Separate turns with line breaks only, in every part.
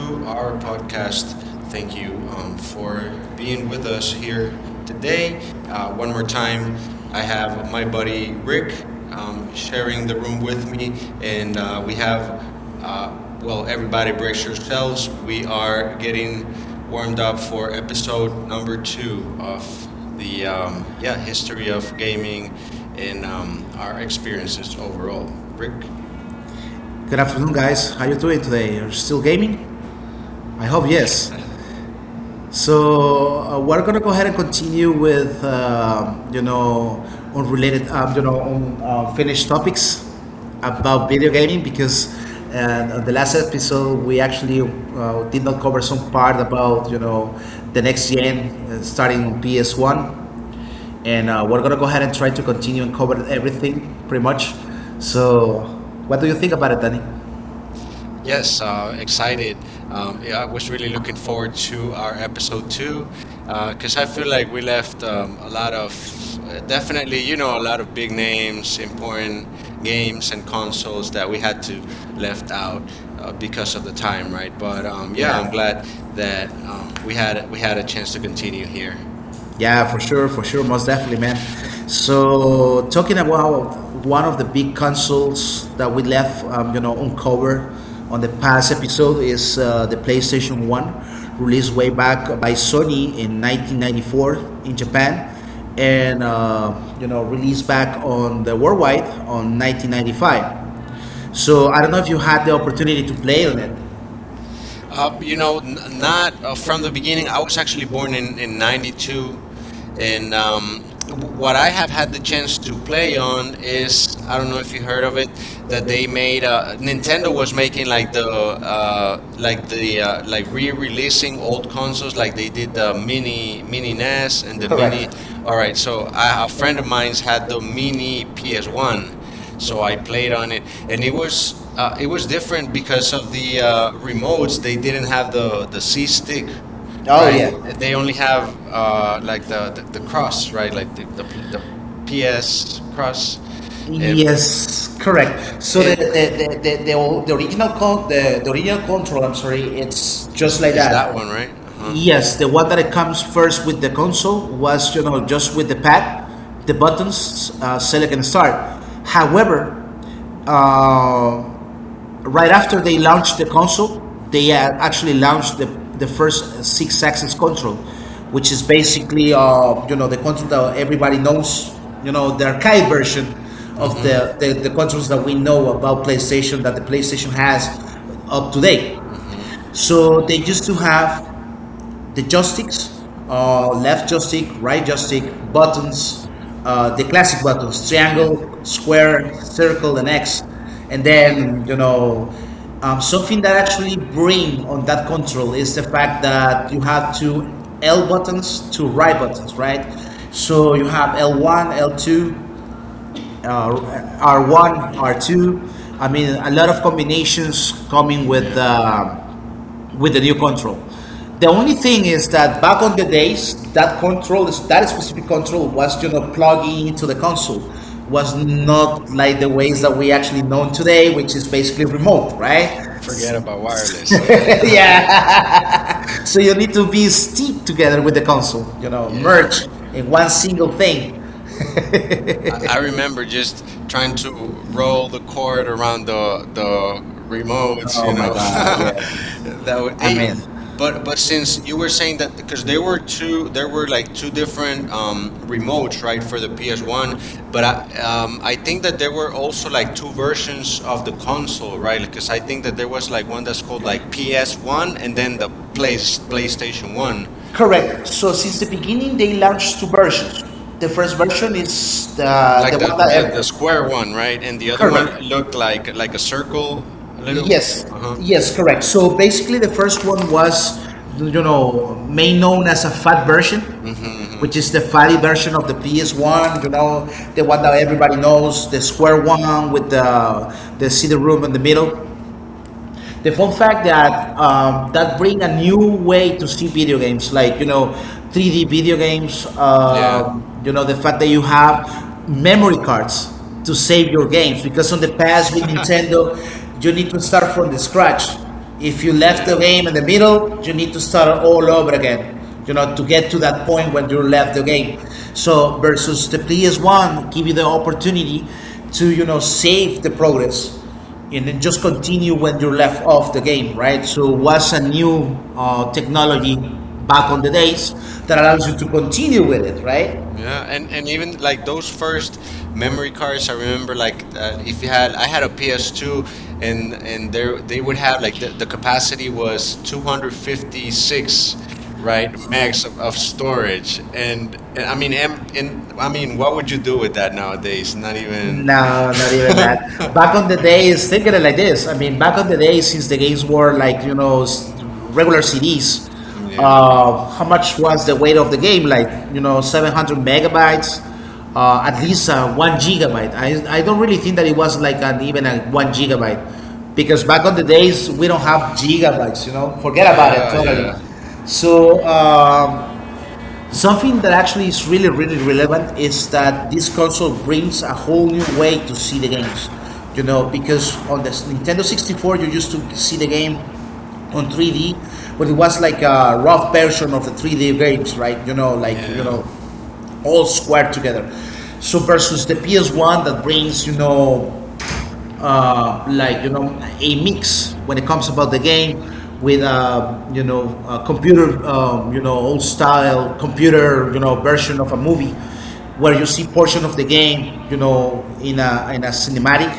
to our
our podcast.
podcast.
Thank
Thank
you
you
for
for being
being
with
with
us
us here
here today.
today.
One
One
more
more
time,
time,
I
I
have
have
my
my buddy
buddy
Rick
Rick sharing
sharing
the
the
room
room
with
with
me,
me,
and
and
we
we
have,
have
uh, well,
uh,
everybody
everybody,
brace
brace yourselves.
yourselves.
We
We are
are
getting
getting
warmed
warmed
up
up
for
for
episode
episode
number
number two
two
of
of the
the
history
episode
of
of-
gaming and
and
our
our
experiences
experiences
overall.
overall. Rick,
Rick.
good afternoon, guys. How you doing today? You're still gaming? I hope yes. So we're gonna go ahead and continue with unrelated, unfinished topics about video gaming because on the last episode we actually did not cover some part about the next gen starting on PS1, and we're gonna go ahead and try to continue and cover everything pretty much. So what do you think about it, Danny? Yes.
Yes, excited.
uh,
Yeah, I
I'm
was really looking
looking
forward
forward to
to our
our
episode two,
school.
because I feel like we left a lot
Uh,
of, definitely,
Definitely.
you know, a lot of big names, important games and consoles that we had to left out
Because
because
of
of the time, right? But
time.
yeah,
Yeah.
I'm glad
I that
that
we
we had
had
we
we had
had a
a
chance to continue
participating here.
here.
Yeah, for sure, most definitely, man. So talking about one of the big consoles that we left, uncovered on the past episode is the PlayStation One, released way back by Sony in 1994 in Japan, and released back on the worldwide on 1995. So I don't know if you had the opportunity to play on it. Uh, you
You
know,
know,
Not
not from the
from
beginning.
here,
I
I was
was actually born
actually
in
92.
'92,
It
and what I
was
have had the chance to
the way
play on is I don't know if you heard of it that they made
Nintendo
Nintendo
was
was making like the
like
like the like
a
re-releasing old
console
consoles like they
with
did
the
the mini mini NES and
Wii.
the
Correct.
mini all
Or a
right, so I, a
friend
friend of
of mine
mine's had
had a
the mini
Wii
PS1,
one, so
so I
I play
played on
on it.
it,
And
and it
it was
was different
different
because
because of
of
the,
the remotes.
remotes, they
They didn't
didn't
have
have the,
the the C
stick.
stick,
Oh
right?
yeah. And
They
they,
only have like the cross, right? Like the PS cross, and
yes, correct. So the
and
the, the, the, the, original control, I'm sorry, it's just
is
like
is that
that.
one right? Uh huh.
Yes, the one that it comes first with the console was just with the pad, the buttons, select and start. However, uh, right after they launched the console, they actually launched the first six axis control, which is basically the control that everybody knows, the arcade version of the controls that we know about PlayStation, that the PlayStation has up to date. So they used to have the joysticks, left joystick, right joystick, buttons, the classic buttons,
Mhm.
triangle, square, circle, and X. And then, something that actually bring on that control is the fact that you have two L buttons, two right buttons, right? So you have L1, L2, R1, R2. I mean, a lot of combinations coming with the new control. The only thing is that back on the days, that control, that specific control, was plugging into the console, was not like the ways that we actually know today, which is basically remote, right?
Forget about wireless. Yeah.
Yeah. Yeah. So you need to be stick together with the console, you know, merge in one single thing.
I remember just trying to roll the cord around the the remotes,
Oh
you
my
know.
god, yeah.
That would
I
hey,
mean,
but since you were saying that because
they
there were
were
two,
two
there were
different,
like two different remotes, right, for the PS1. But
um,
I think that there were also like
like
two
versions,
versions of the console, right? Because I
right?
think that there was like one that's called like
like
PS1
like,
and then the Play PlayStation 1.
correct. So since the beginning, they launched two versions. The first version is the one that
Danish. Square
ever.
one, right? And the other one correct.
Correct.
Looked like a circle, a little.
Yes,
Uh-huh.
yes, correct. So basically, the first one was, made known as a fat version, which is the fatty version of the PS1. You know, the one that everybody knows, the square one with the CD room in the middle. The fun fact that bring a new way to see video games, 3D video games. The fact that you have memory cards to save your games, because on the past with Nintendo, you need to start from the scratch. If you left the game in the middle, you need to start all over again. You know, to get to that point when you left the game. So versus the PS One, give you the opportunity to save the progress and then just continue when you left off the game, So was a new technology back on the days that allows you to continue with it,
Yeah, and even like those first memory cards, I remember like if you had, I had a PS2, and there they would have like the capacity was 256, right,
right?
megs of storage,
And I
and I mean,
mean,
what
what
would
would
you
you
do
do
with
with
that
that?
nowadays? Not even.
No, not even that. Back on the days, think of it like this. I mean, back on the days, since the games were like, regular CDs,
Yeah.
how much was the weight of the game? Like, 700 megabytes, at least 1 gigabyte. I don't really think that it was like even a 1 gigabyte, because back on the days, we don't have gigabytes, you know, forget about it
Yeah,
totally.
yeah.
So, something that actually is really, really relevant is that this console brings a whole new way to see the games. You know, because on the Nintendo 64, you used to see the game on 3D, but it was like a rough version of the 3D games, right? You know, like,
Yeah,
all squared together. So versus the PS1 that brings, like a mix when it comes about the game with a computer, old style computer version of a movie, where you see portion of the game in a cinematic,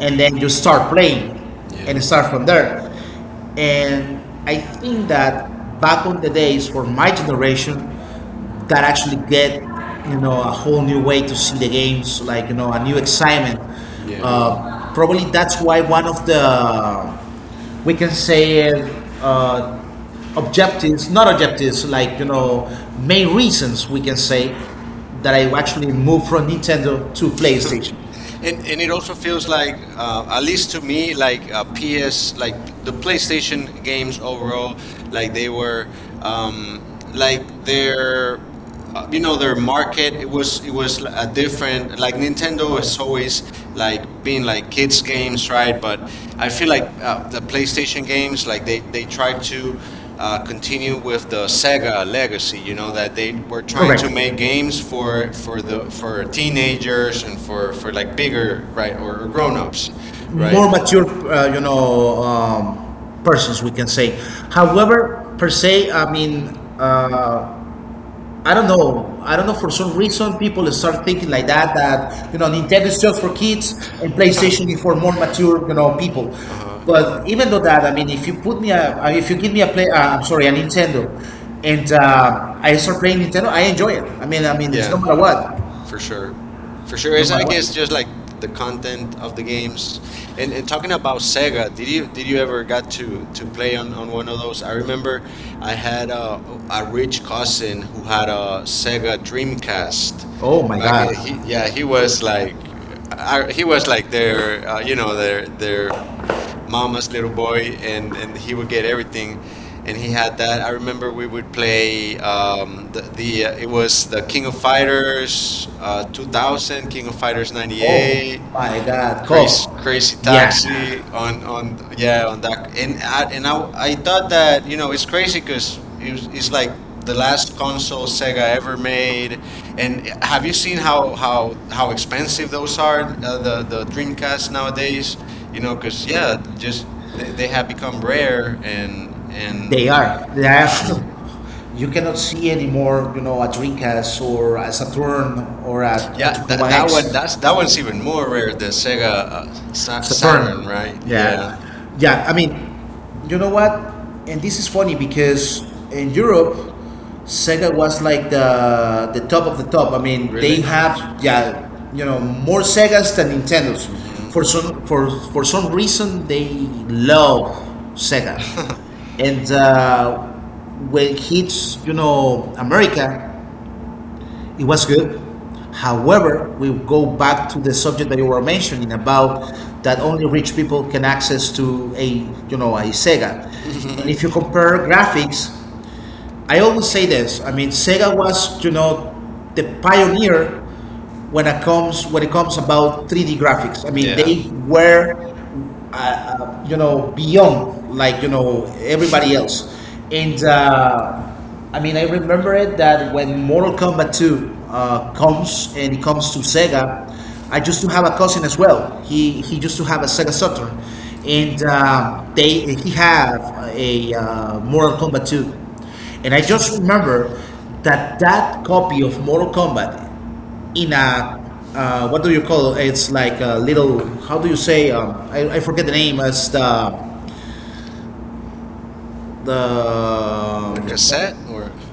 and then you start playing
yeah,
and start from there. And I think that back on the days for my generation, that actually get a whole new way to see the games, like a new excitement.
yeah.
Probably that's why one of the, we can say, uh, objectives, not objectives, like main reasons we can say, that I actually moved from Nintendo to PlayStation.
And it also feels like, at least to me, like PS, like the PlayStation games overall, like they were, um, like they're
You
you
know.
know their market
It
it was
was
it was
a
a
different.
different like
Like Nintendo
Nintendo has
was always
always like
like
been like kids
playing
games right
pride,
but
you
I feel like the PlayStation games like they try to continue with the Sega legacy you know
know,
that
that
they were
they,
trying
correct,
to make games
aim for for
for
the
the for
for teenagers,
teenagers and for
for
like
like
bigger
bigger,
right
like
or
for grown-ups,
grown-ups right
more mature, uh, you know, um, persons, we can say. However, per se, I mean, uh, I don't know. I don't know. For some reason, people start thinking like that. That Nintendo is just for kids, and PlayStation is for more mature, you know, people.
uh-huh.
But even though that, I mean, if you put me a, if you give me a I'm sorry, a Nintendo, and I start playing Nintendo, I enjoy it. I mean, it's no
Yeah,
matter what.
for
For sure. For
sure. For
no,
sure.
sure,
It's I
matter what. Always
guess just like
the
the content
content
of
of
the
the game
games.
is
And talking about
important.
Sega, did you ever got to play on one of those? I remember I had a
I wish
rich cousin who had
I
a
was there.
Sega Dreamcast.
Oh my
Back in,
god.
he,
Yeah,
yeah,
it
he was
was
like I, he was like
their,
their you know their
their
their
mom's,
mama's
their
little
wife,
boy,
and
and he
he
would get
was
everything, and he
and he-
had that. I remember we would play the it was the King of Fighters
uh, he-
2000, King of Fighters
oh
98.
my god.
Crazy,
Cough. Grace-
crazy
yeah.
taxi on yeah on that and I, and I thought that you know it's crazy because it was, it's like the last console Sega ever made. And
And
have you seen
how
how expensive those are
far the, the
the
Greek,
Dreamcast nowadays? You
you
know,
know, 'cause
because yeah, just they,
this,
they have become
rare
rare
and,
and
they are. They are actually. You cannot see anymore, you know, a Dreamcast or a Saturn or a, yeah,
yeah, that
Xbox
that
X.
one that's
That
that one's
one's
even
even
more
more
rare.
rare,
The Sega uh, Saturn, right?
Saturn.
Yeah,
Yeah. Yeah. I mean, you know what? And this is funny, because in Europe, Sega was like the top of the top. I mean,
really.
they have, yeah, more Segas than Nintendos.
Hmm.
For some reason, they love Sega. And when it hits, America, it was good. However, we go back to the subject that you were mentioning about, that only rich people can access to a, a Sega. And if you compare graphics, I always say this. I mean, Sega was the pioneer when it comes about 3D graphics. I mean, yeah,
Yeah,
they were beyond like everybody else, and I mean, I remember it that when Mortal Kombat 2 comes and it comes to Sega, I used to have a cousin as well. He used to have a Sega Saturn, and they he had a Mortal Kombat 2. And I just remember that that copy of Mortal Kombat in a, what do you call it? It's like a little, how do you say, I forget the name as the
the cassette or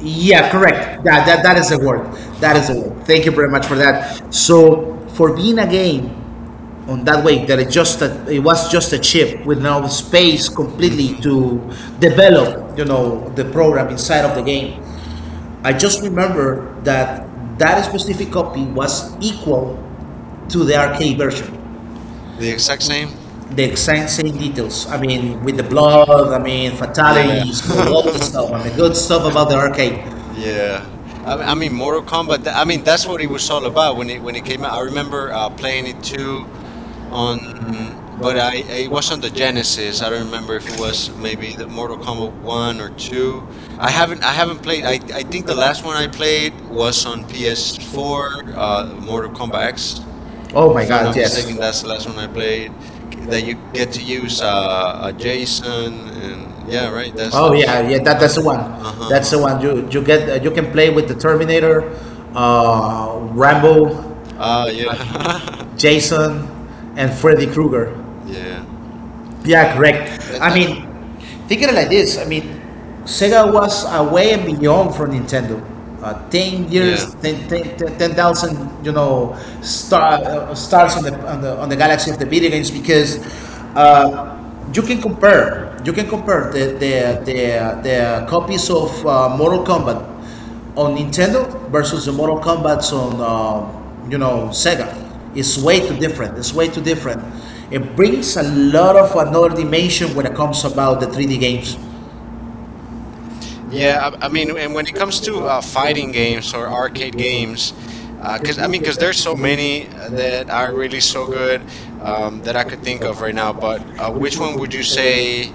yeah, correct, that that is the word, that is the word, thank you very much for that. So for being a game on that way, that it was just a chip with no space completely
hmm,
to develop the program inside of the game, I just remember that that specific copy was equal to the arcade version.
the
The
exact same?
exact same details. I mean, with the blood, I mean,
Yeah.
fatalities, all the stuff. I mean, good stuff about the arcade. Yeah.
Yeah.
like
Mortal Kombat. That's what it was all about when it came out. I remember playing it too on, but I it was on the Genesis. I don't remember if it was maybe the Mortal Kombat one or two. I haven't played. I think the last one I played was on PS4, Mortal
um,
Kombat X.
Oh my
If I'm
God,
not
yes.
mistaken, that's the last one I played. That you get to use a Jason and yeah, right. That's
Oh
the.
yeah, yeah.
Uh
That
huh.
that's the one.
Uh huh. Uh-huh.
That's the
Uh-huh.
one. You can play with the Terminator, Rambo,
Ah, yeah.
Jason, and Freddy Krueger.
Yeah.
Yeah, correct.
And,
I mean, think of it like this. I mean, Sega was away and beyond from Nintendo. 10 years,
yeah.
10 10,000, you know, stars on the galaxy of the video games because uh, you can compare the, the copies of Mortal Kombat on Nintendo versus the Mortal Kombat's on Sega. It's way too different. It's way too different. It brings a lot of another dimension when it comes about the 3D games. Yeah,
Yeah, I mean, and when it comes to fighting games or arcade games,
I
because I mean, because there's so
maybe
many
that
that
I
are
would
really so
discover
good that I
that I
could
think
think
of
of
right
right now.
now.
But
Which
which
one
one
would
would
you
you
say
say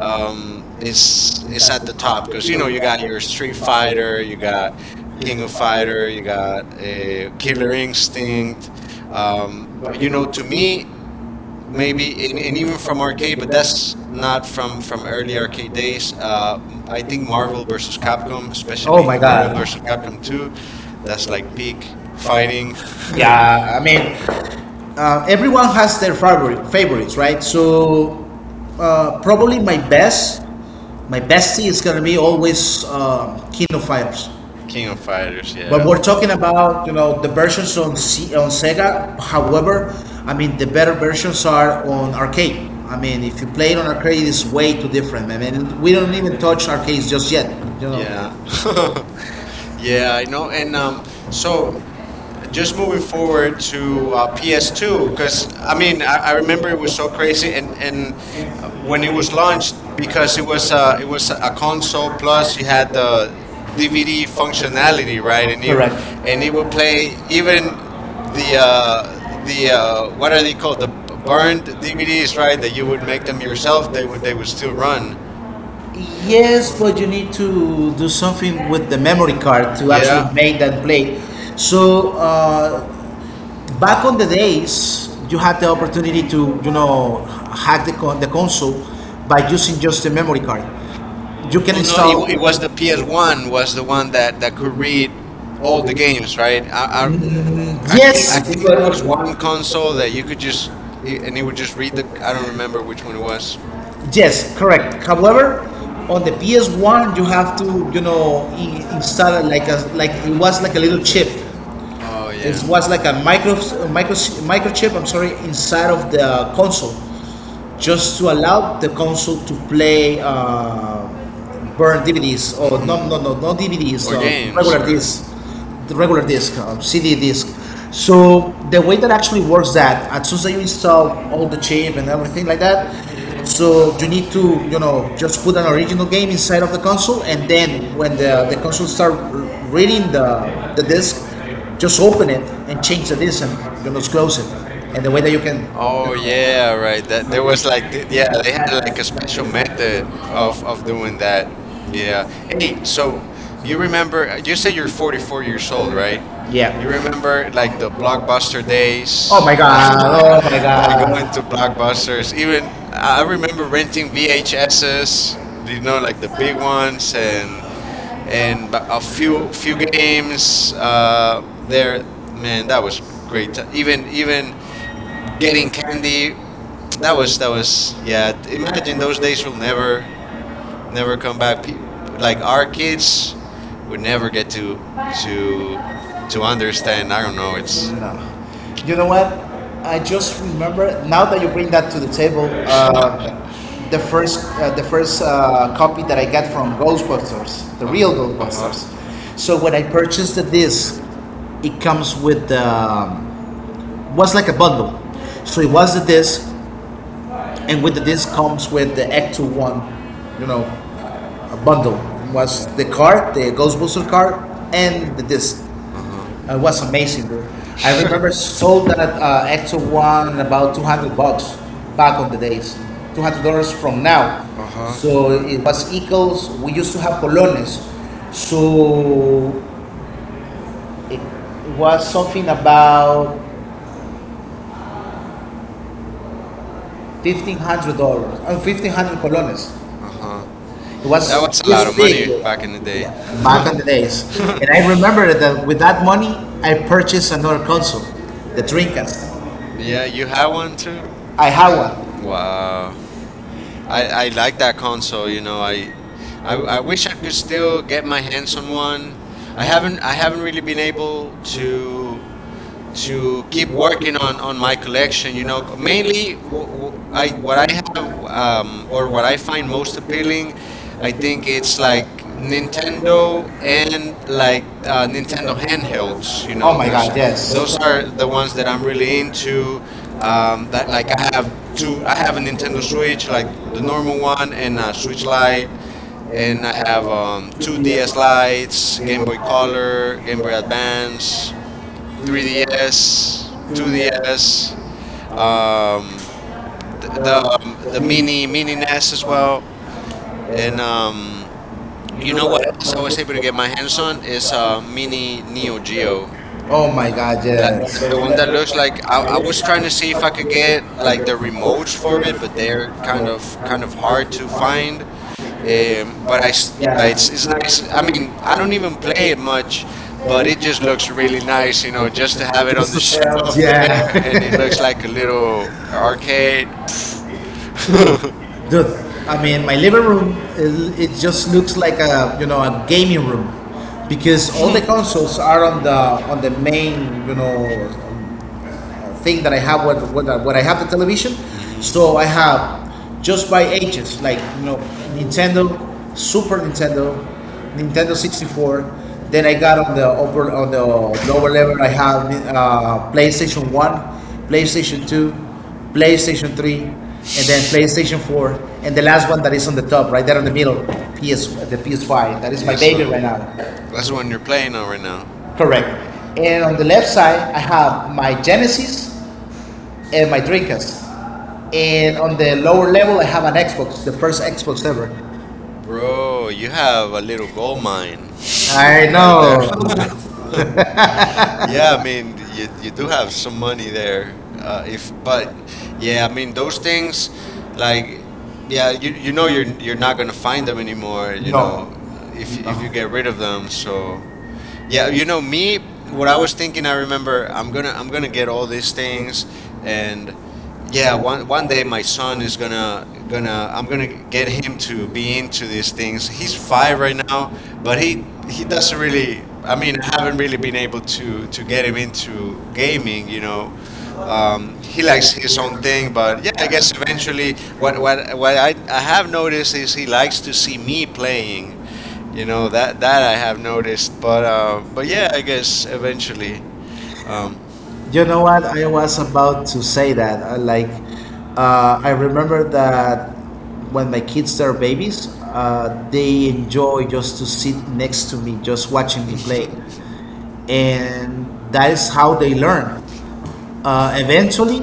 um, is
is
is
is
at
at the
the top?
top?
Because
Because
you
you know,
know
you got
that
your
it's
Street
Street Fighter,
Fighter, you got
uh,
King
King
of
of
Fighter,
Fighter,
you got
the Killer
Killer
Instinct.
Instinct.
Uh,
But
but you
you know,
know, to
to
me,
me,
maybe
maybe
and
and
even
even
for
from
me,
arcade but
that's
that's not
not
from
one
from
from
early arcade days
I
I
think
think
Marvel
Marvel
versus
versus
Capcom,
Capcom,
especially. Oh
especially
my
Marvel
God. Versus
versus
Capcom
Capcom 2,
2, that's
that's
like
like
the
peak fighting.
fighting. Yeah, I mean, everyone has their favorites, right? So probably my my bestie is gonna be always King of Fighters.
King of Fighters,
But
yeah,
we're talking about the versions on Sega. However, I mean the better versions are on arcade. I mean, if you play it on arcade, it's way too different. I mean, we don't even touch arcades just yet. You know.
yeah.
Yeah. So, yeah.
Yeah, I know. And so
So
just
just
moving
moving
forward
forward
to
to PS2,
PS2, because I
I
mean,
mean, I
I
I
remember
remember
it
it
was
was
so
so
crazy,
crazy and
and when
when
it
it
was
was launched
launched,
because
because
it was a
it was a console
console plus
plus
it
you
had
had
the.
the DVD functionality, right?
Correct.
And
And he
it would
was saying
play
even
even the
the,
uh,
uh, the,
the
uh,
what are they called?
burn,
Burned DVDs, right? That you would make them
the
yourself.
celebrated thing
They would
is still
still
running.
run.
Yes, but you need to do something with the memory card to actually,
Yeah.
yeah, make that play. So back on the days, you had the opportunity to you know hack the console by using just the memory card. You can, no,
Oh no, it,
install
it was
because
the PS One
one was
was the one that that
to
could
bring
read
all
all
the.
the games, right? I, I think, I
Yes,
yes, think there was one console that you could just it, and it would just read the. I don't remember which one it was.
yes, correct. However, on the PS1, you have to, install like it was like a little chip.
Oh yeah,
It was like a micro microchip. I'm sorry, inside of the console just to allow the console to play burn DVDs or no,
mhm,
no, no, no, DVDs
or games
regular
or.
disc the regular disc CD disc. So the way that actually works that as soon as you install all the chip and everything like that, so you need to just put an original game inside of the console and then when the console start reading the disc, just open it and change the disc and close it. And the way that you can,
Oh yeah, right. That there was like yeah,
yeah,
they had
that's
like a special
special
method
measurement of
of
moving.
doing that. Yeah.
Yeah. Hey,
Hey,
so
so
you
you
remember
remember? You say you're
before
44
you
years old,
controlled it?
right?
Yeah.
You
You remember.
remember like the Blockbuster
Oh
days?
my god. Oh my
Like going to
god.
Blockbusters. Even I remember renting VHSs, you know, like the big ones, and a
you,
few
you remember
games. There,
there,
man, that was great.
even
Even even
getting
getting
pregnant.
candy, that was yeah.
Yeah.
Imagine
Imagine
those days will never never come back. Like
like
our kids would never get to to to
to.
understand. I don't know. It's
No. You know what? I just remember now that you bring that to the table. The the first copy that I got from Ghostbusters, the
uh
real
huh uh huh.
Ghostbusters. So when I purchased the disc, it comes with the, was like a bundle. So it was the disc, and with the disc comes with the Act One, you know, a bundle. It was the card, the Ghostbuster card, and the disc. It was amazing, dude. I remember sold that Exo One about 200 bucks back on the days, $200 from now.
Uh huh.
So it was equals. We used to have colones, so it was something about $1,500 and 1,500 colones. It
It
was
that was a
this
lot of
big,
money
dude.
back in the day.
Yeah, back on the days. And I remember that with that money, I purchased another console, the Dreamcast.
Yeah, you had one too.
I have one.
Wow. I like that console. You know, I, I wish I could still
Two,
get my hands on one. I haven't really been able
two,
to
two,
keep working on my collection. You know,
nine.
mainly I what I have or what I find most appealing, I think it's like Nintendo and like Nintendo handhelds. You
Oh
know,
my
because
god, yes.
those are the
I
ones that I'm really
really,
into.
Uh,
That
like
like I have
have two.
two. I
I have
have a
Nintendo
Nintendo
Switch,
Switch, like
like the
the
normal
normal
one,
one,
and
and a
a Switch
Switch
Lite,
Lite.
and
And I
I have
have two
two DS,
DS Lites,
Game
Game
of
Boy Color, Game Boy Advance,
three
3DS,
two years,
2DS, um,
the,
the
the meeting,
mini mini NES as well,
and
and
you
you
know
know
what
what
else
else I
I
was
did?
able to get my hands on is mini Neo Geo
Oh my god,
like
yes. So
the
when
one that looks like I was trying to see if I could
I
get like the
vote
remotes
for
for
it,
it, but they're kind of
kind
kind
of
of
hard
hard
to
to
find.
find.
And
But
but
yeah,
yeah, it's
it's nice.
nice. I
I
mean,
mean, I
I don't
don't
even.
even play it much, but
But
it
it
just looks really nice, you know, just to have it on the
tells.
shelf there, and it looks like a little
Yeah.
arcade.
Dude, I mean, my living room, it just looks like a gaming room because all the consoles are on the main, thing that I have when, when I have the television. So I have just by ages, Nintendo, Super Nintendo, Nintendo 64. Then I got on the upper on the lower level. I have PlayStation One, PlayStation Two, PlayStation 3, and then PlayStation 4, and the last one that is on the top, right there in the middle, PS, the PS5. That is my baby
PS1.
right now.
That's the one you're playing on right now.
Correct. And on the left side, I have my Genesis and my Dreamcast. And on the lower level, I have an Xbox, the first Xbox ever.
Bro, you have a little gold mine
I
right there.
know.
Yeah, I mean, you do have some money there. If but yeah, I mean those things like yeah, you know
Brilliant.
you're not going to find them anymore, you
No.
know,
No.
if you get rid of them. So, yeah, you know me what I was thinking, I remember I'm going to get all these things and yeah, one one day my son is gonna gonna I'm gonna get him to be into these things. He's five right now, but
But he, he
he doesn't
doesn't
really. I mean,
mean,
I
I have
haven't really been able
to,
to get him into gaming.
uh,
He likes his own thing, but yeah, I guess eventually what I have noticed is he likes to see me playing. That I have noticed, but but yeah, I guess eventually. Um,
you know what? I was about to say that. I like, I remember that when my kids are babies, they enjoy just to sit next to me, just watching me play, and that is how they learn. Eventually,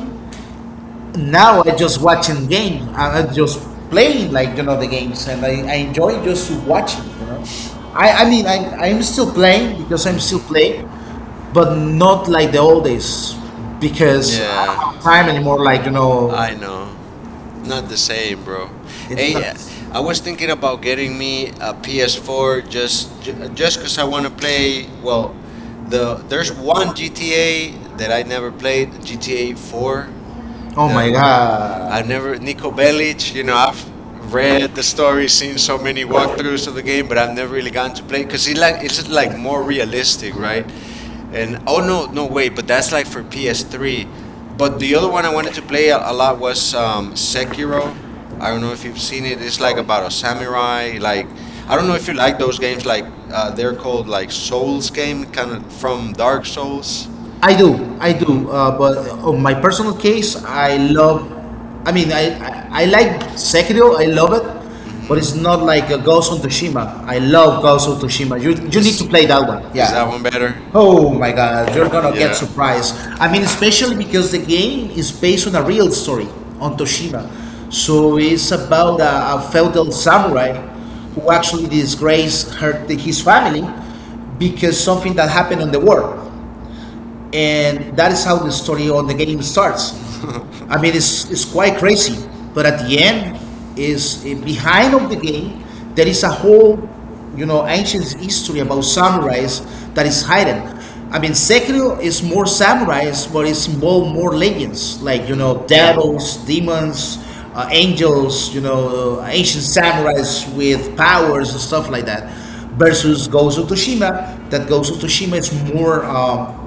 now I just watching game. And I just playing the games, and I enjoy just to watching. You know, I mean I'm still playing because I'm still playing, but not like the old days because I
Yeah.
don't have time anymore. Like you know,
I know. Not the same, bro.
it's
Hey,
not.
I was thinking about getting me a PS4 just cuz I want to play, well, the there's one GTA that I never played, GTA 4.
Oh my
The I never Nico Bellic, you know,
god.
I've read the story, seen so many walkthroughs
And
of the game, but I've never really gotten to play cuz it's like more
more ridiculous.
realistic, right? And
And
oh
all
no,
of
no wait, but that's like for
them greedy.
PS3. But
But
the
the
other
other
one I
one,
wanted to play a lot was
set your.
Sekiro.
I
I don't know if you've
don't
seen
think
it. It's like
so.
about a
I
samurai. Like I don't know
don't
if you
know I
like
go
those games. Like
like
they're called like
soul
Souls
skin
game, kind of
from.
from Dark Souls.
I do, I
hmm
do. But on my personal case, I love. I mean, I like Sekiro. I love it, but
hmm
it's not like a Ghost of Tsushima. I love Ghost of Tsushima. You need to
Is
play that one.
is that
Yeah,
one better?
oh my god, you're gonna get
Yeah.
surprised. I mean, especially because the game is based on a real story on Toshima. So it's about a feudal samurai who actually disgraced his family because something that happened in the war and that is how the story on the game starts. I mean, it's quite crazy, but at the end, is behind of the game there is a whole, ancient history about samurais that is hidden. I mean, Sekiro is more samurais, but it's involved more legends, devils, demons, angels, ancient samurais with powers and stuff like that versus Ghost of Tsushima. That Ghost of Tsushima is more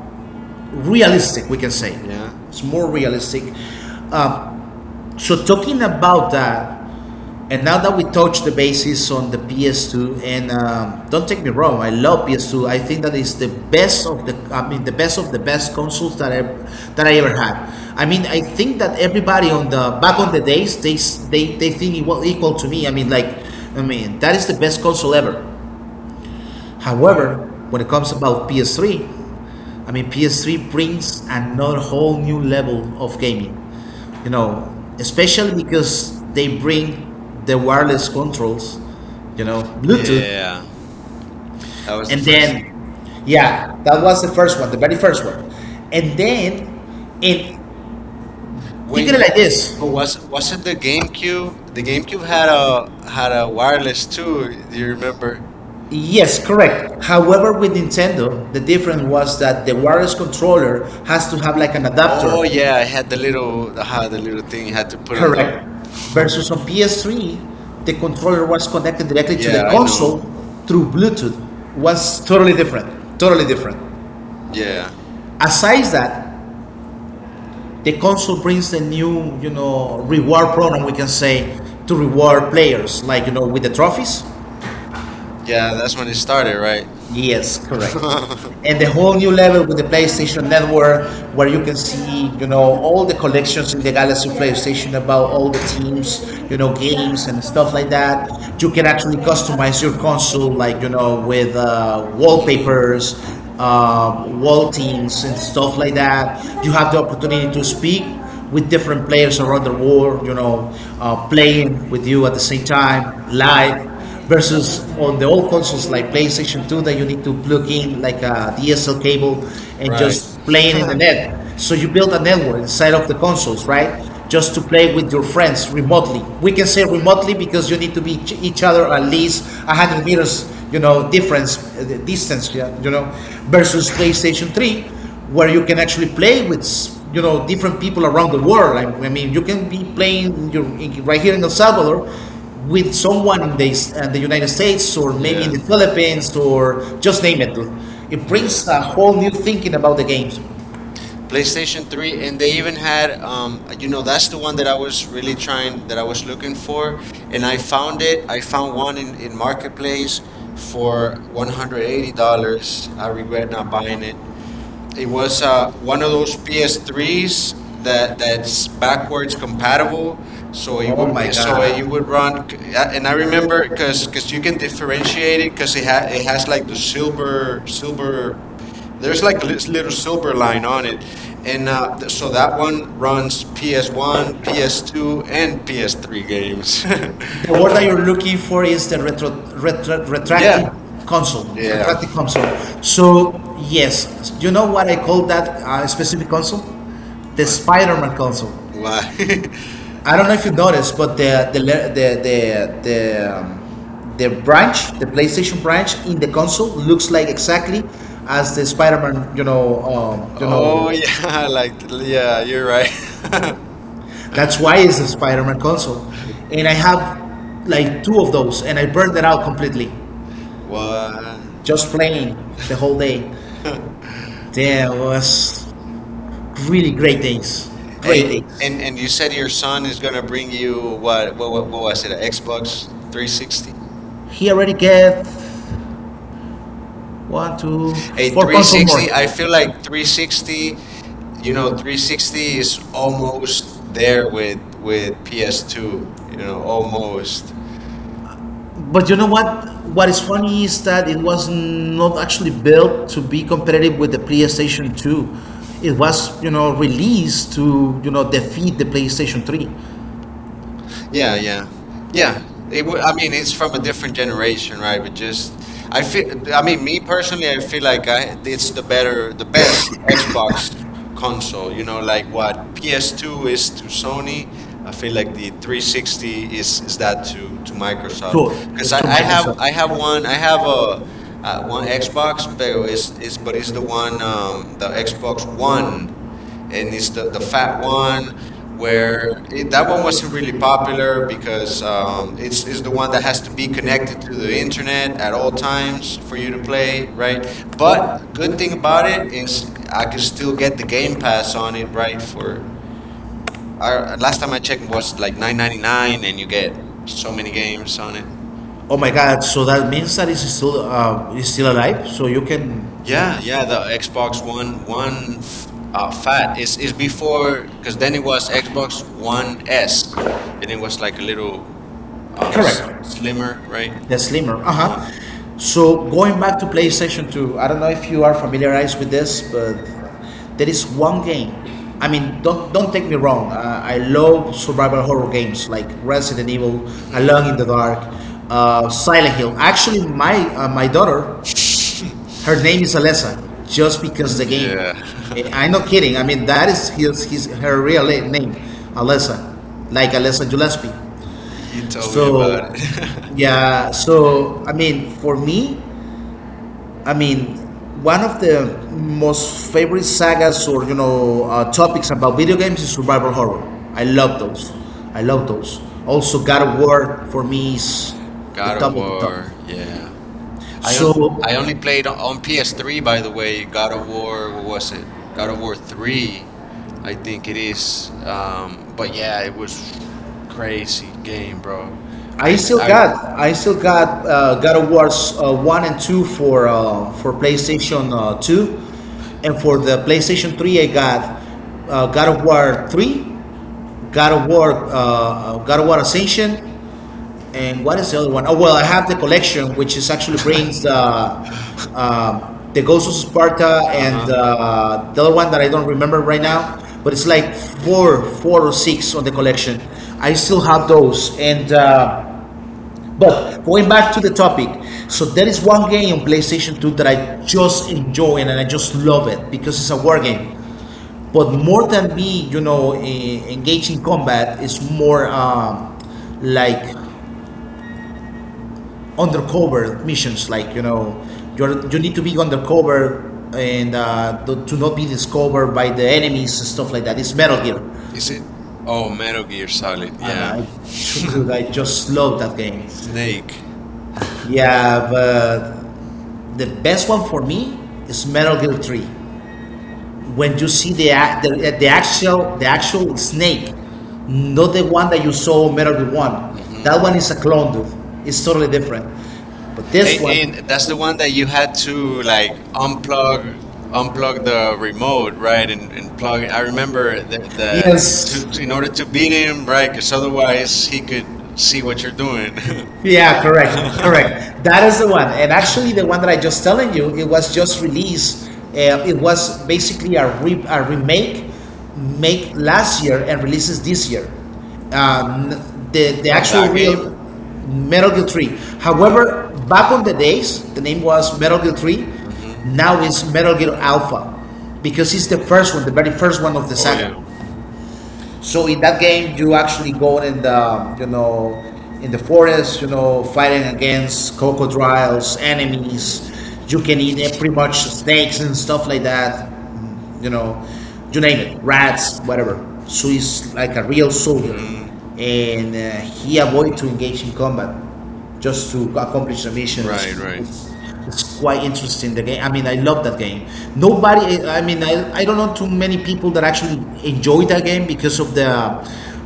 realistic, we can say.
Yeah.
It's more realistic. Uh, so talking about that, and now that we touch the bases on the PS2, and don't take me wrong, I love PS2. I think that is the best of the, I mean, the best of the best consoles that I ever had. I mean, I think that everybody on the back on the days they think it was equal to me. I mean, like, I mean, that is the best console ever. However, when it comes about PS3, I mean, PS3 brings another whole new level of gaming, you know, especially because they bring the wireless controls, Bluetooth,
Yeah. That was the
and
first.
then, yeah, that was the first one, the very first one, and then, and think
Wait,
of it
but,
like this.
but was was it the GameCube? The GameCube had a wireless too. Do you remember?
Yes, correct. However, with Nintendo, the difference was that the wireless controller has to have like an adapter.
Oh yeah, I had the had the little thing you had to put on the.
Correct. Versus on PS3, the controller was connected directly to the,
yeah,
yeah,
I know.
console through Bluetooth. Was totally different. Totally different. Yeah.
Yeah.
Aside that, the console brings the new, reward program we can say to reward players, with the trophies.
Yeah,
Yeah.
that's when it started,
Sorry.
right?
Yes, correct and the whole new level with the PlayStation Network, where you can see, all the collections in the Galaxy PlayStation about all the teams, games and stuff like that. You can actually customize your console, with wallpapers, wall teams, and stuff like that. You have the opportunity to speak with different players around the world, playing with you at the same time, live versus on the old consoles like PlayStation 2 that you need to plug in like a DSL cable and just playing in the net. So you build a network inside of the consoles, right? Just to play with your friends remotely. We can say remotely because you need to be other at least 100 meters, you know, distance, yeah, versus PlayStation 3, where you can actually play with, different people around the world. I mean, you can be playing your, right here in El Salvador with someone in the United States or maybe in the Philippines or just name it. It brings a whole new thinking about the games. There's,
PlayStation
you
3, and they even had, you know,
that
that's the one that I was really trying, that I was looking for,
before
and I found it. I found one in Marketplace
for
for
$108.
$180. I regret not buying it. It
It
was
was
one
one
of
of
those
those PS3s
PS3s
that
that
is
that's
backward
backwards
compatible.
compatible, so
So
it
oh
would
my so God,
run.
you
And I remember because you can differentiate it because it has like the
super,
silver,
super,
there's
there's
like
nothing.
this little silver line on it, and so that
That
one
one runs
runs PS1,
PS1,
PS2,
PS2, and
and PS3 games.
but what are you looking for is the
yeah,
retracting, yeah, console, yeah,
yeah.
retracting console. So yes, you know what I call that specific console? The
Wha-
Spider-Man console.
Why?
Wow. I don't know if you noticed, but the branch, the PlayStation branch in the console looks like exactly as the Spider-Man.
oh yeah, like yeah, you're right.
That's why it's the Spider-Man console, and I have like 2 of those, and I burned it out completely,
What?
just playing the whole day. There was really great days, great
Hey, and
days.
and you said your son is gonna bring you what? What was it? A Xbox 360?
He already get one, two,
A
four console more.
360? I feel like 360, you
You
know,
know,
360
360 is
is
almost
almost there
there
with
with, with PS2.
PS2, you
You
know,
know, almost.
almost.
But you know what? What is funny is that it was not actually built to be competitive with the PlayStation 2. It was, you know, released to, you know, defeat the PlayStation 3.
Yeah,
Yeah,
yeah, yeah.
yeah. It
It
would,
would.
I
I mean,
mean, it's
it's from a
from a
different
different generation,
generation, right?
right?
But just, I
I
feel.
think,
I
I mean,
mean, me personally, I feel like I it's
it's
the
console,
better, the best Xbox
you
console. You know, like what
know.
PS2
PS2
is
is
to
Sony.
Sony. I
I
feel
feel
like the
like 360
360 is
is
that
that
to
Microsoft.
Microsoft. Because I,
To
I have I
Microsoft.
have one I
I
have
have a,
a one
one
Xbox,
Xbox,
but
there is
it's the
information
one, the Xbox
Xbox
One,
One.
and
And
it's
it's the,
the
the
fat
fat one
one
where
where
it,
that one
that one was
wasn't really
pretty
popular
popular because
because
it's
it's the one that has to be
connected
connected to
to
the
the internet
internet at
had
all times
overtime,
for you to
pretty good grade,
play, right?
right?
But
But
good
good
thing
thing
about
about
it
it
is
is
I
I
could
could
still
still
get
get
the Game Pass
past
on
on
it,
it,
right?
right? For
For
our,
last time I checked, it was like 9.99, and you get so
so
many
many,
games on it.
oh my God! So that means that it's still alive. So you can.
Yeah,
Yeah.
yeah, the Xbox One
One,
Fat is
64,
before, because then it
then
was Xbox
was one
One
S,
S, and
and
it
it was
was
like
like a
a little,
little
correct, slimmer.
slimmer, right?
The slimmer. Uh
Uh
huh.
huh.
So going back to PlayStation 2, I don't know if you are familiarized with this, but there is one game. I mean, don't take me wrong. I love survival horror games like Resident Evil, Alone in the Dark, Silent Hill. Actually, my daughter, her name is Alessa, just because the game.
Yeah,
Eh, I'm not kidding. I mean, that is his her real name, Alessa, like Alessa Gillespie.
he told me
So,
about it.
yeah, so I mean, for me, I mean, one of the most favorite sagas or you know topics about video games is survival horror. I love those. I love those. Also, God of War for me is the
God of
top of the top.
War, yeah. I on,
So,
I only played on PS3, by the way. God of War, what was it? God of War 3, I think it is. But yeah, it was crazy game, bro. I
I still got God of War's one and two for PlayStation two, and for the PlayStation three I got God of War three, God of War Ascension, and what is the other one? Oh well, I have the collection which is actually brings the Ghost of Sparta and
uh
the other one that I don't remember right now, but it's like four or six on the
huh.
collection. I still have those. And but going back to the topic, so there is one game on PlayStation 2 that I just enjoy and I just love it because it's a war game. But more than me, you know, engaging combat is more like undercover missions, like you know, you're, you need to be undercover and to not be discovered by the enemies and stuff like that. It's Metal Gear.
Is
Is
it?
it?
Oh,
Oh,
Metal Gear
sorry.
Solid. Yeah,
I just love that game. Snake.
Snake.
Yeah, but the best one for me is Metal Gear 3. When you see the ac- the actual snake, not the one that you saw in Metal Gear 1. That one is a clone, dude. It's totally different. But
And,
this one,
and that's the one that you had to like unplug the remote, right? And plug it. I remember
yes.
in order to beat him, right? Because otherwise he could see what you're doing
Yeah, correct. That is the one. And actually, the one that I just telling you, it was just released. It was basically a, remake, make last year and releases this year. Um, the the
from
actual
that game.
real Metal Gear 3. However, back on the days, the name was Metal Gear 3.
Hmm
Now it's Metal Gear Alpha because it's the first one, the very first one of the
Oh
saga.
yeah.
So in that game, you actually go in the you know in the forest, you know, fighting against crocodiles, enemies. You can eat pretty much snakes and stuff like that. Mm, you know, you name it, rats, whatever. So he's like a real soldier, and he avoid to engage in combat just to accomplish the missions. Right. It's quite interesting. The game. I mean, I love that game. Nobody. I mean, I don't know too many people that actually enjoy that game because of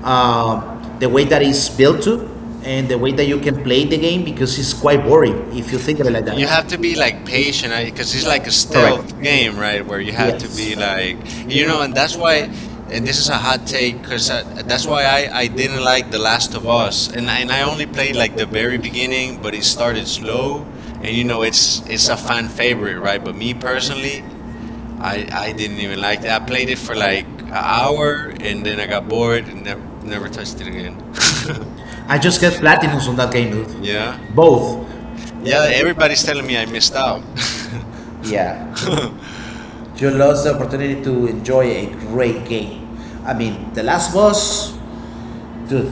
uh, the way that it's built to and the way that you can play the game because it's quite boring if you think of it like that.
You
Yeah.
have to be like patient because it's like a
Correct.
stealth game, right? Where you have to
Yes.
be like, you know, and that's why. And this is a hot take, because that's why I didn't like The Last of Us, and I only played like the very beginning, but it started slow, and it's a fan favorite, right? But me personally,
I,
I didn't even like it. I played it for like an
power,
hour, and then I got bored and never
I
touched it again.
just get platinums on that game, dude. Yeah.
yeah,
Both.
yeah.
Yeah, it is like
Everybody's telling
something
me I
you
missed
stop.
out.
Yeah, you lost the opportunity to enjoy a great game. I mean, the Last Boss dude.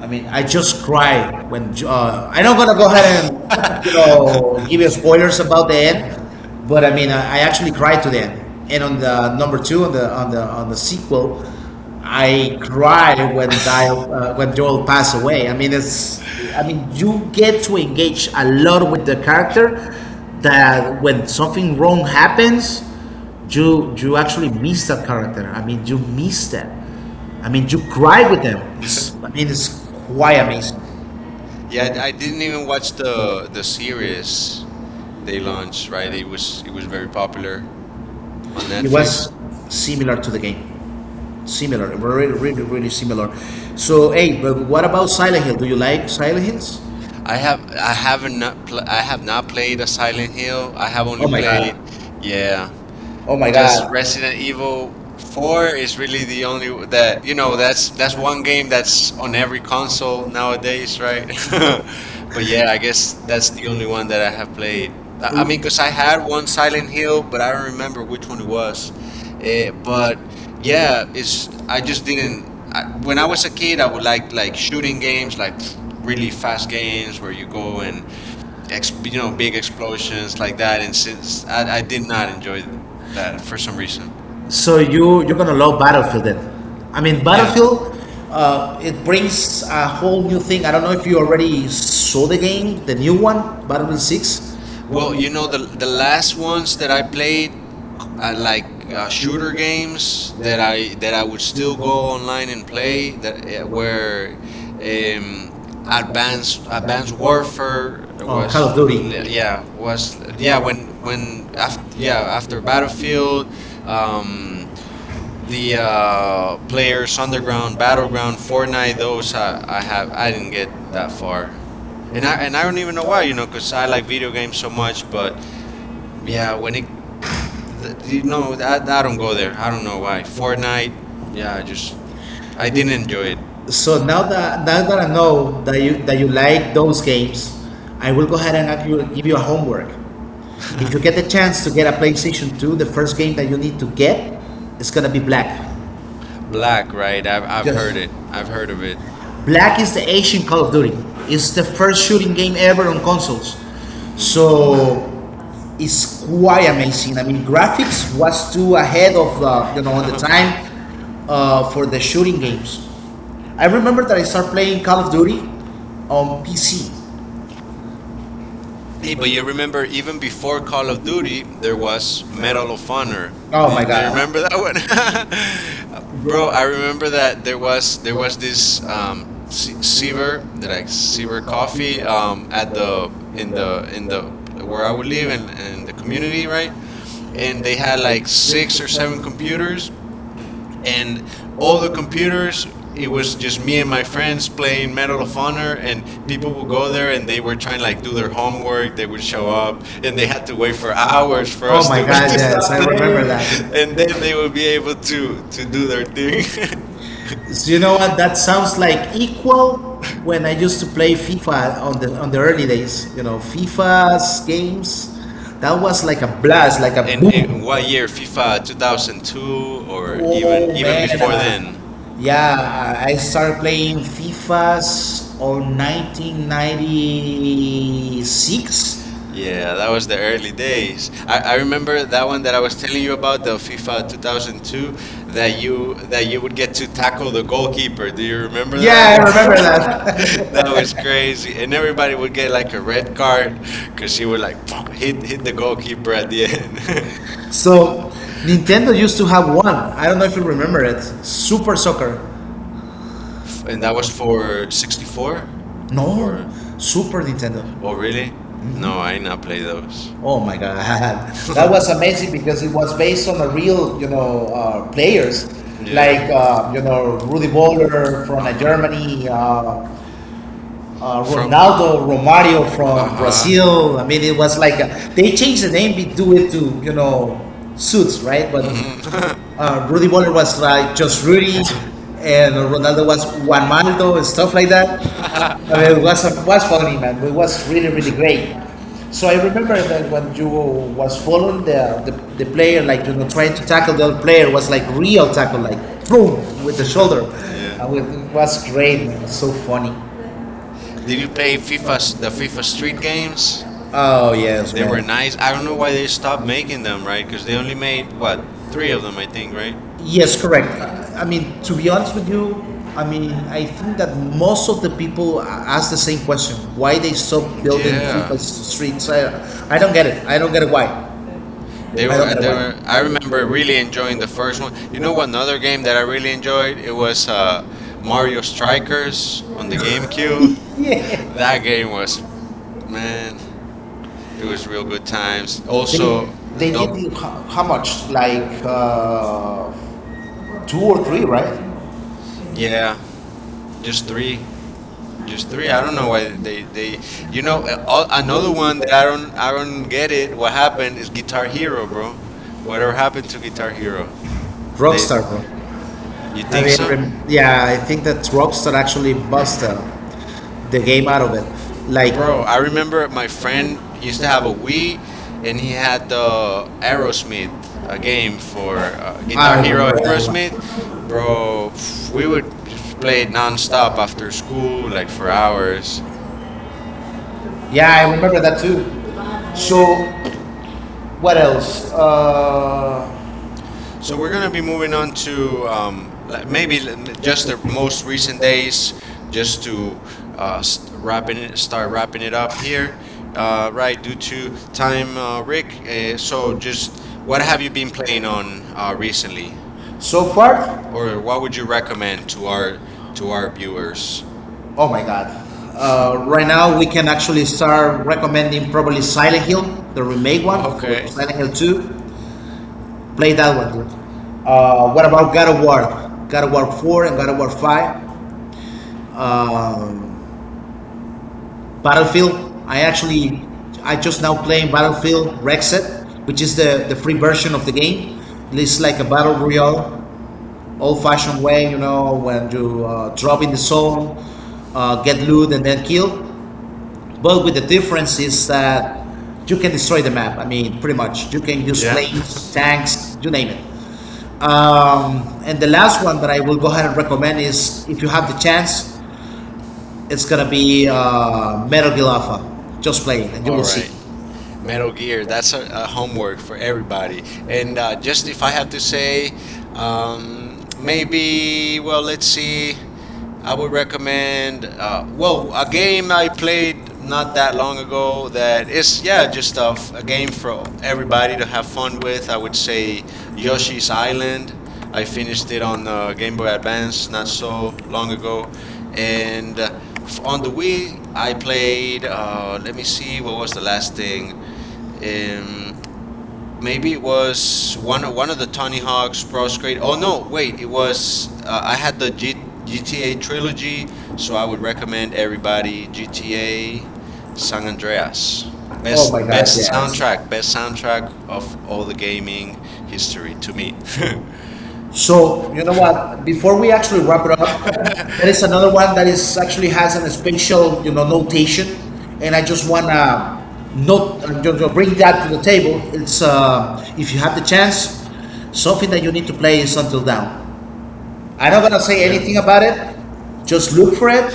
I mean, I just cry when I'm not gonna go ahead and you know give you spoilers about the end, but I mean, I actually cried to the end. And on the number two on the on the on the sequel, I cry when Dial, when Joel passed away. I mean, it's I mean, you get to engage a lot with the character that when something wrong happens, you actually miss that character. I mean, you miss that. I mean, you cried with them. It's, I mean, it's quite amazing.
Yeah,
Yeah.
I
You,
didn't
you
even
know
watch
what's the-
the series they
They
launched.
launched,
Right,
right?
it was
We're very
very popular
popular.
on
It
Netflix.
was similar to the game, really, really similar. So, hey, but what about Silent Hill? Do you like Silent Hills? I
I haven't not pl- I have not played a Silent Hill. I have only
oh my god!
played,
Yeah,
yeah.
oh my I
Just
was god!
Resident Evil 4 is really the only that you know that's one game that's on every console nowadays, right?
So
But yeah, I
yeah,
guess that's
that's the
the
only
only one
one
that I
that I
have played.
mean,
Because I had one Silent Hill, but I don't remember which one it was.
worse. Eh,
Eh, but yeah, it's I
I just
just
didn't.
didn't. When
When
I
I
was a kid, I would like
was doing
shooting games,
it, like
like
really
really fast
fascinated
games
for
where you go
people
and
and ex,
you
you
know,
know,
big
big explosions
explosions like
like
that.
that,
And since I
I
did
did
not
not enjoy
enjoy that
that
for
for
some
some
reason.
reason. So you're gonna love Battlefield then. I mean
Yeah.
Battlefield, it brings a whole new thing. I don't know if you already saw the game, the new one, Battlefield Six.
Well,
Well, you
you know,
know,
the last ones that I played, uh, like
what? I,
shooter
shooter
games that
that
I would
still
still go
go
online and
and play and
play that
they can wear it.
where. Um, Advanced Warfare
Oh,
was
Call of
li-
Duty.
yeah was yeah when after yeah after
The battlefield,
Battlefield,
um,
um
the
the players underground,
battle
battleground,
game
Fortnite, those I didn't get that
that far.
far,
And
and
I,
I don't even know why, you know, because I like video games so much. But
yeah,
yeah, when you
you know,
know,
I
I don't go there, I don't know why. Fortnite, yeah,
yeah, I
I didn't
didn't
enjoy
enjoy it.
it.
So now that I know that you like those games, I will go ahead and give give you a homework. If you get the chance to get a PlayStation 2, the first game that you need to get is gonna be Black. Black,
Black, right? I've heard
Just
it, I've heard of it.
Black is the Asian Call of Duty. It's the first shooting game ever on consoles. So it's quite amazing. I mean, graphics was too ahead of you know on the time for the shooting games. I remember that I started playing Call of Duty on PC.
Hey,
But
but
you
you remember,
remember
even before Call
a
of
movie
Duty,
there
there
was
was Medal of Honor.
oh
Do,
my
do you
god.
remember that one, bro?
Bro
I remember that there was
this is
this
not
Seaver
silver like
like Seaver
silver coffee
Coffee, at the in the,
in
in
the
the where
where
I
I was
would
living
live
in
in
the
the
community
community,
right?
right?
And
And
they
they
had
had
like
like
six
six
or
or seven
seven computers
computers,
and
and all
all
the
the computers
computers it
it was
was
in
just
the
me and
name
my
of
friends playing
Medal
Medal of
of
Honor,
Honor.
and
People
people would
would
go
go there
there
and
and
they
they were
would
trying
kind
to
of
like
like
do
do
their
their
homework,
homework, they
they
would
would show
show
up
up,
and
then
they
they
had
had to
to wait
wait for
for hours
hours.
for
Oh
us
my
to
God,
to
yes,
stop
I remember
playing,
that.
and
And then
then
they
they would
would
be able to
do, to
do
do
their thing.
their, so you know what? That sounds like equal when I used to play FIFA on the early days. You know, FIFA's games. That was like a blast, like a
In what year?
boom.
FIFA 2002 or even
Oh man,
before then.
yeah, I started playing FIFAs on 1996.
Yeah,
Yeah.
that was the early days. I remember that one that I was telling you about, the FIFA 2002, that
That you would
you would get to
tackle
tackle
the
the
goalkeeper.
goalkeeper. Do you
Remember
remember that?
yeah, I that? Remember
That,
that.
that was crazy, and everybody would get like a red card because
Because
she
you were
would
like,
like
hitting
hit
the
the goalkeeper
goalkeeper.
at the end,
So Nintendo used to have one. I don't know if you remember it. Super Soccer.
and that was
One for
for
64?
64 or.
No, Super Nintendo. Oh,
Oh,
really?
really? No,
No, I
I not
didn't
play
play
those.
that. Oh my God, that was amazing because it was based on the real, you know, players yeah,
Yeah.
like you know Rudy Boller from
Uh-huh.
Germany,
From
Ronaldo Romario from
uh-huh.
Brazil. I mean, it was like a, they changed the name. We do it to you know suits, right? But Rudy Boller was like just Rudy, and Ronaldo was Juan Maldo and stuff like that. I mean, it was funny, man. It was really really
Mm.
great. So I remember that when you was following the player, like you know, trying to tackle the other player was like real tackle, like boom with the shoulder.
Yeah.
And it was great, man. It was so funny.
Did you play FIFA, the FIFA Street games?
Oh, yes,
They were
man.
nice. I don't know why they stopped making them, right? Because they only made what, three of them, I think, right?
Yes, correct. I mean, to be honest with you, I mean, I think that most of the people ask the same question: why they stop building
Yeah.
FIFA Streets? I don't get it. I don't get it. Why? I don't get it.
They
Why?
were. I remember really enjoying the first one. You know, another game that I really enjoyed. It was Mario Strikers on the GameCube.
Yeah.
That game was, man, it was real good times.
They
Also, the
they did
double.
it ho- how much? Like two or three, right? Yeah,
Yeah,
just
just
three,
three. Just
just three.
three. I
I don't
don't know
know.
why they they. You
You
know,
know, that- I'm
another
really good
one that
that I
I don't
can
get
get
it.
it. What
What
happened?
happened is
You
Guitar
probably knew,
Hero,
bro.
bro. Whatever
Whatever
happened to
happened,
Guitar
fuck you,
Hero?
bro.
They
Rockstar, bro.
you
I
think
mean,
so,
yeah, I think that Rockstar actually busted the game out of it. Like,
Bro?
bro,
I
I
remember my
mean,
friend
he's
used to have a
not
Wii, and he
any
had the
arrow.
Aerosmith, a game for Guitar
I
Hero
remember that
Aerosmith.
one.
Bro, pff, we would just play it nonstop after school, like for hours.
Yeah, I remember that too. So, what else? So
So we're going to be moving on to
uh,
just the most recent days, just to
uh,
start wrapping it up here, right? Due to time, Rick. So
So
just what have you been playing on recently,
so far,
or what would you recommend to our viewers?
oh my God. Right now, we can actually start recommending probably Silent Hill, the remake one for
Okay.
Silent Hill 2. Play that one, dude. What about God of War? God of War 4 and God of War 5. Um, Battlefield. I just now playing Battlefield Rexet, which is the free version of the game. It's like a battle royale, old-fashioned way, you know, when you drop in the zone, get loot, and then kill. But with the difference is that you can destroy the map. I mean, pretty much. You can use yeah,
Yeah.
planes, tanks, you name it. And the last one that I will go ahead and recommend is if you have the chance, it's gonna be Metal Gear Alpha. Just play it and you will see.
Metal Gear. That's a homework for everybody. And just if I have to say,
Maybe
let's see. I would recommend
uh,
a game I played not that long ago that is yeah just a a game for
uh,
everybody to have fun with. I would say Yoshi's Island. I finished it on Game Boy Advance not so long ago,
and
and on
on
the
the week,
Wii I played. Let me
she
see what was
was
the last thing, um,
maybe
maybe it was one of the Tony Hawk's Pro Skate. Oh no, wait, it was I
uh,
had the GTA trilogy, so
so
I
I
would
would have to.
recommend everybody GTA San Andreas.
Oh my God, yes.
Best soundtrack of all the gaming history to me.
So you know what? Before we actually wrap it up, there is another one that is actually has a special you know notation, and I just wanna note bring that to the table. It's if you have the chance, something that you need to play is Until Down. I'm not gonna say
yeah.
anything about it. Just look for it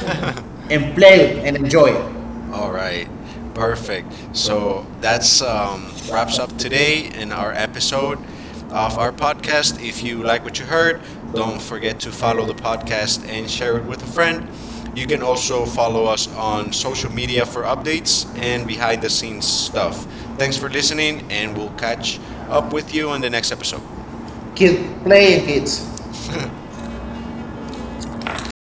and play it and enjoy it.
All right.
Perfect.
Perfect.
So
So
that's
that's
wraps
wraps
up
up
today.
today in
Now
our
I'm going
episode of
our
our
pumpkins,
podcast. If
the
you like what you
electric
heard,
card. Don't
don't
forget
forget
to
to
follow
follow
the
the podcast
podcast
and
and share
share
it
it
with
with a
a
friend.
friend. You
You
can
can
also
also follow
follow us
us
on
on
social
social
media
media for updates and behind the scenes
and stuff.
stuff. Thanks for listening, and we'll catch
Up
up with
with you.
you on the next episode.
Keep playing, kids.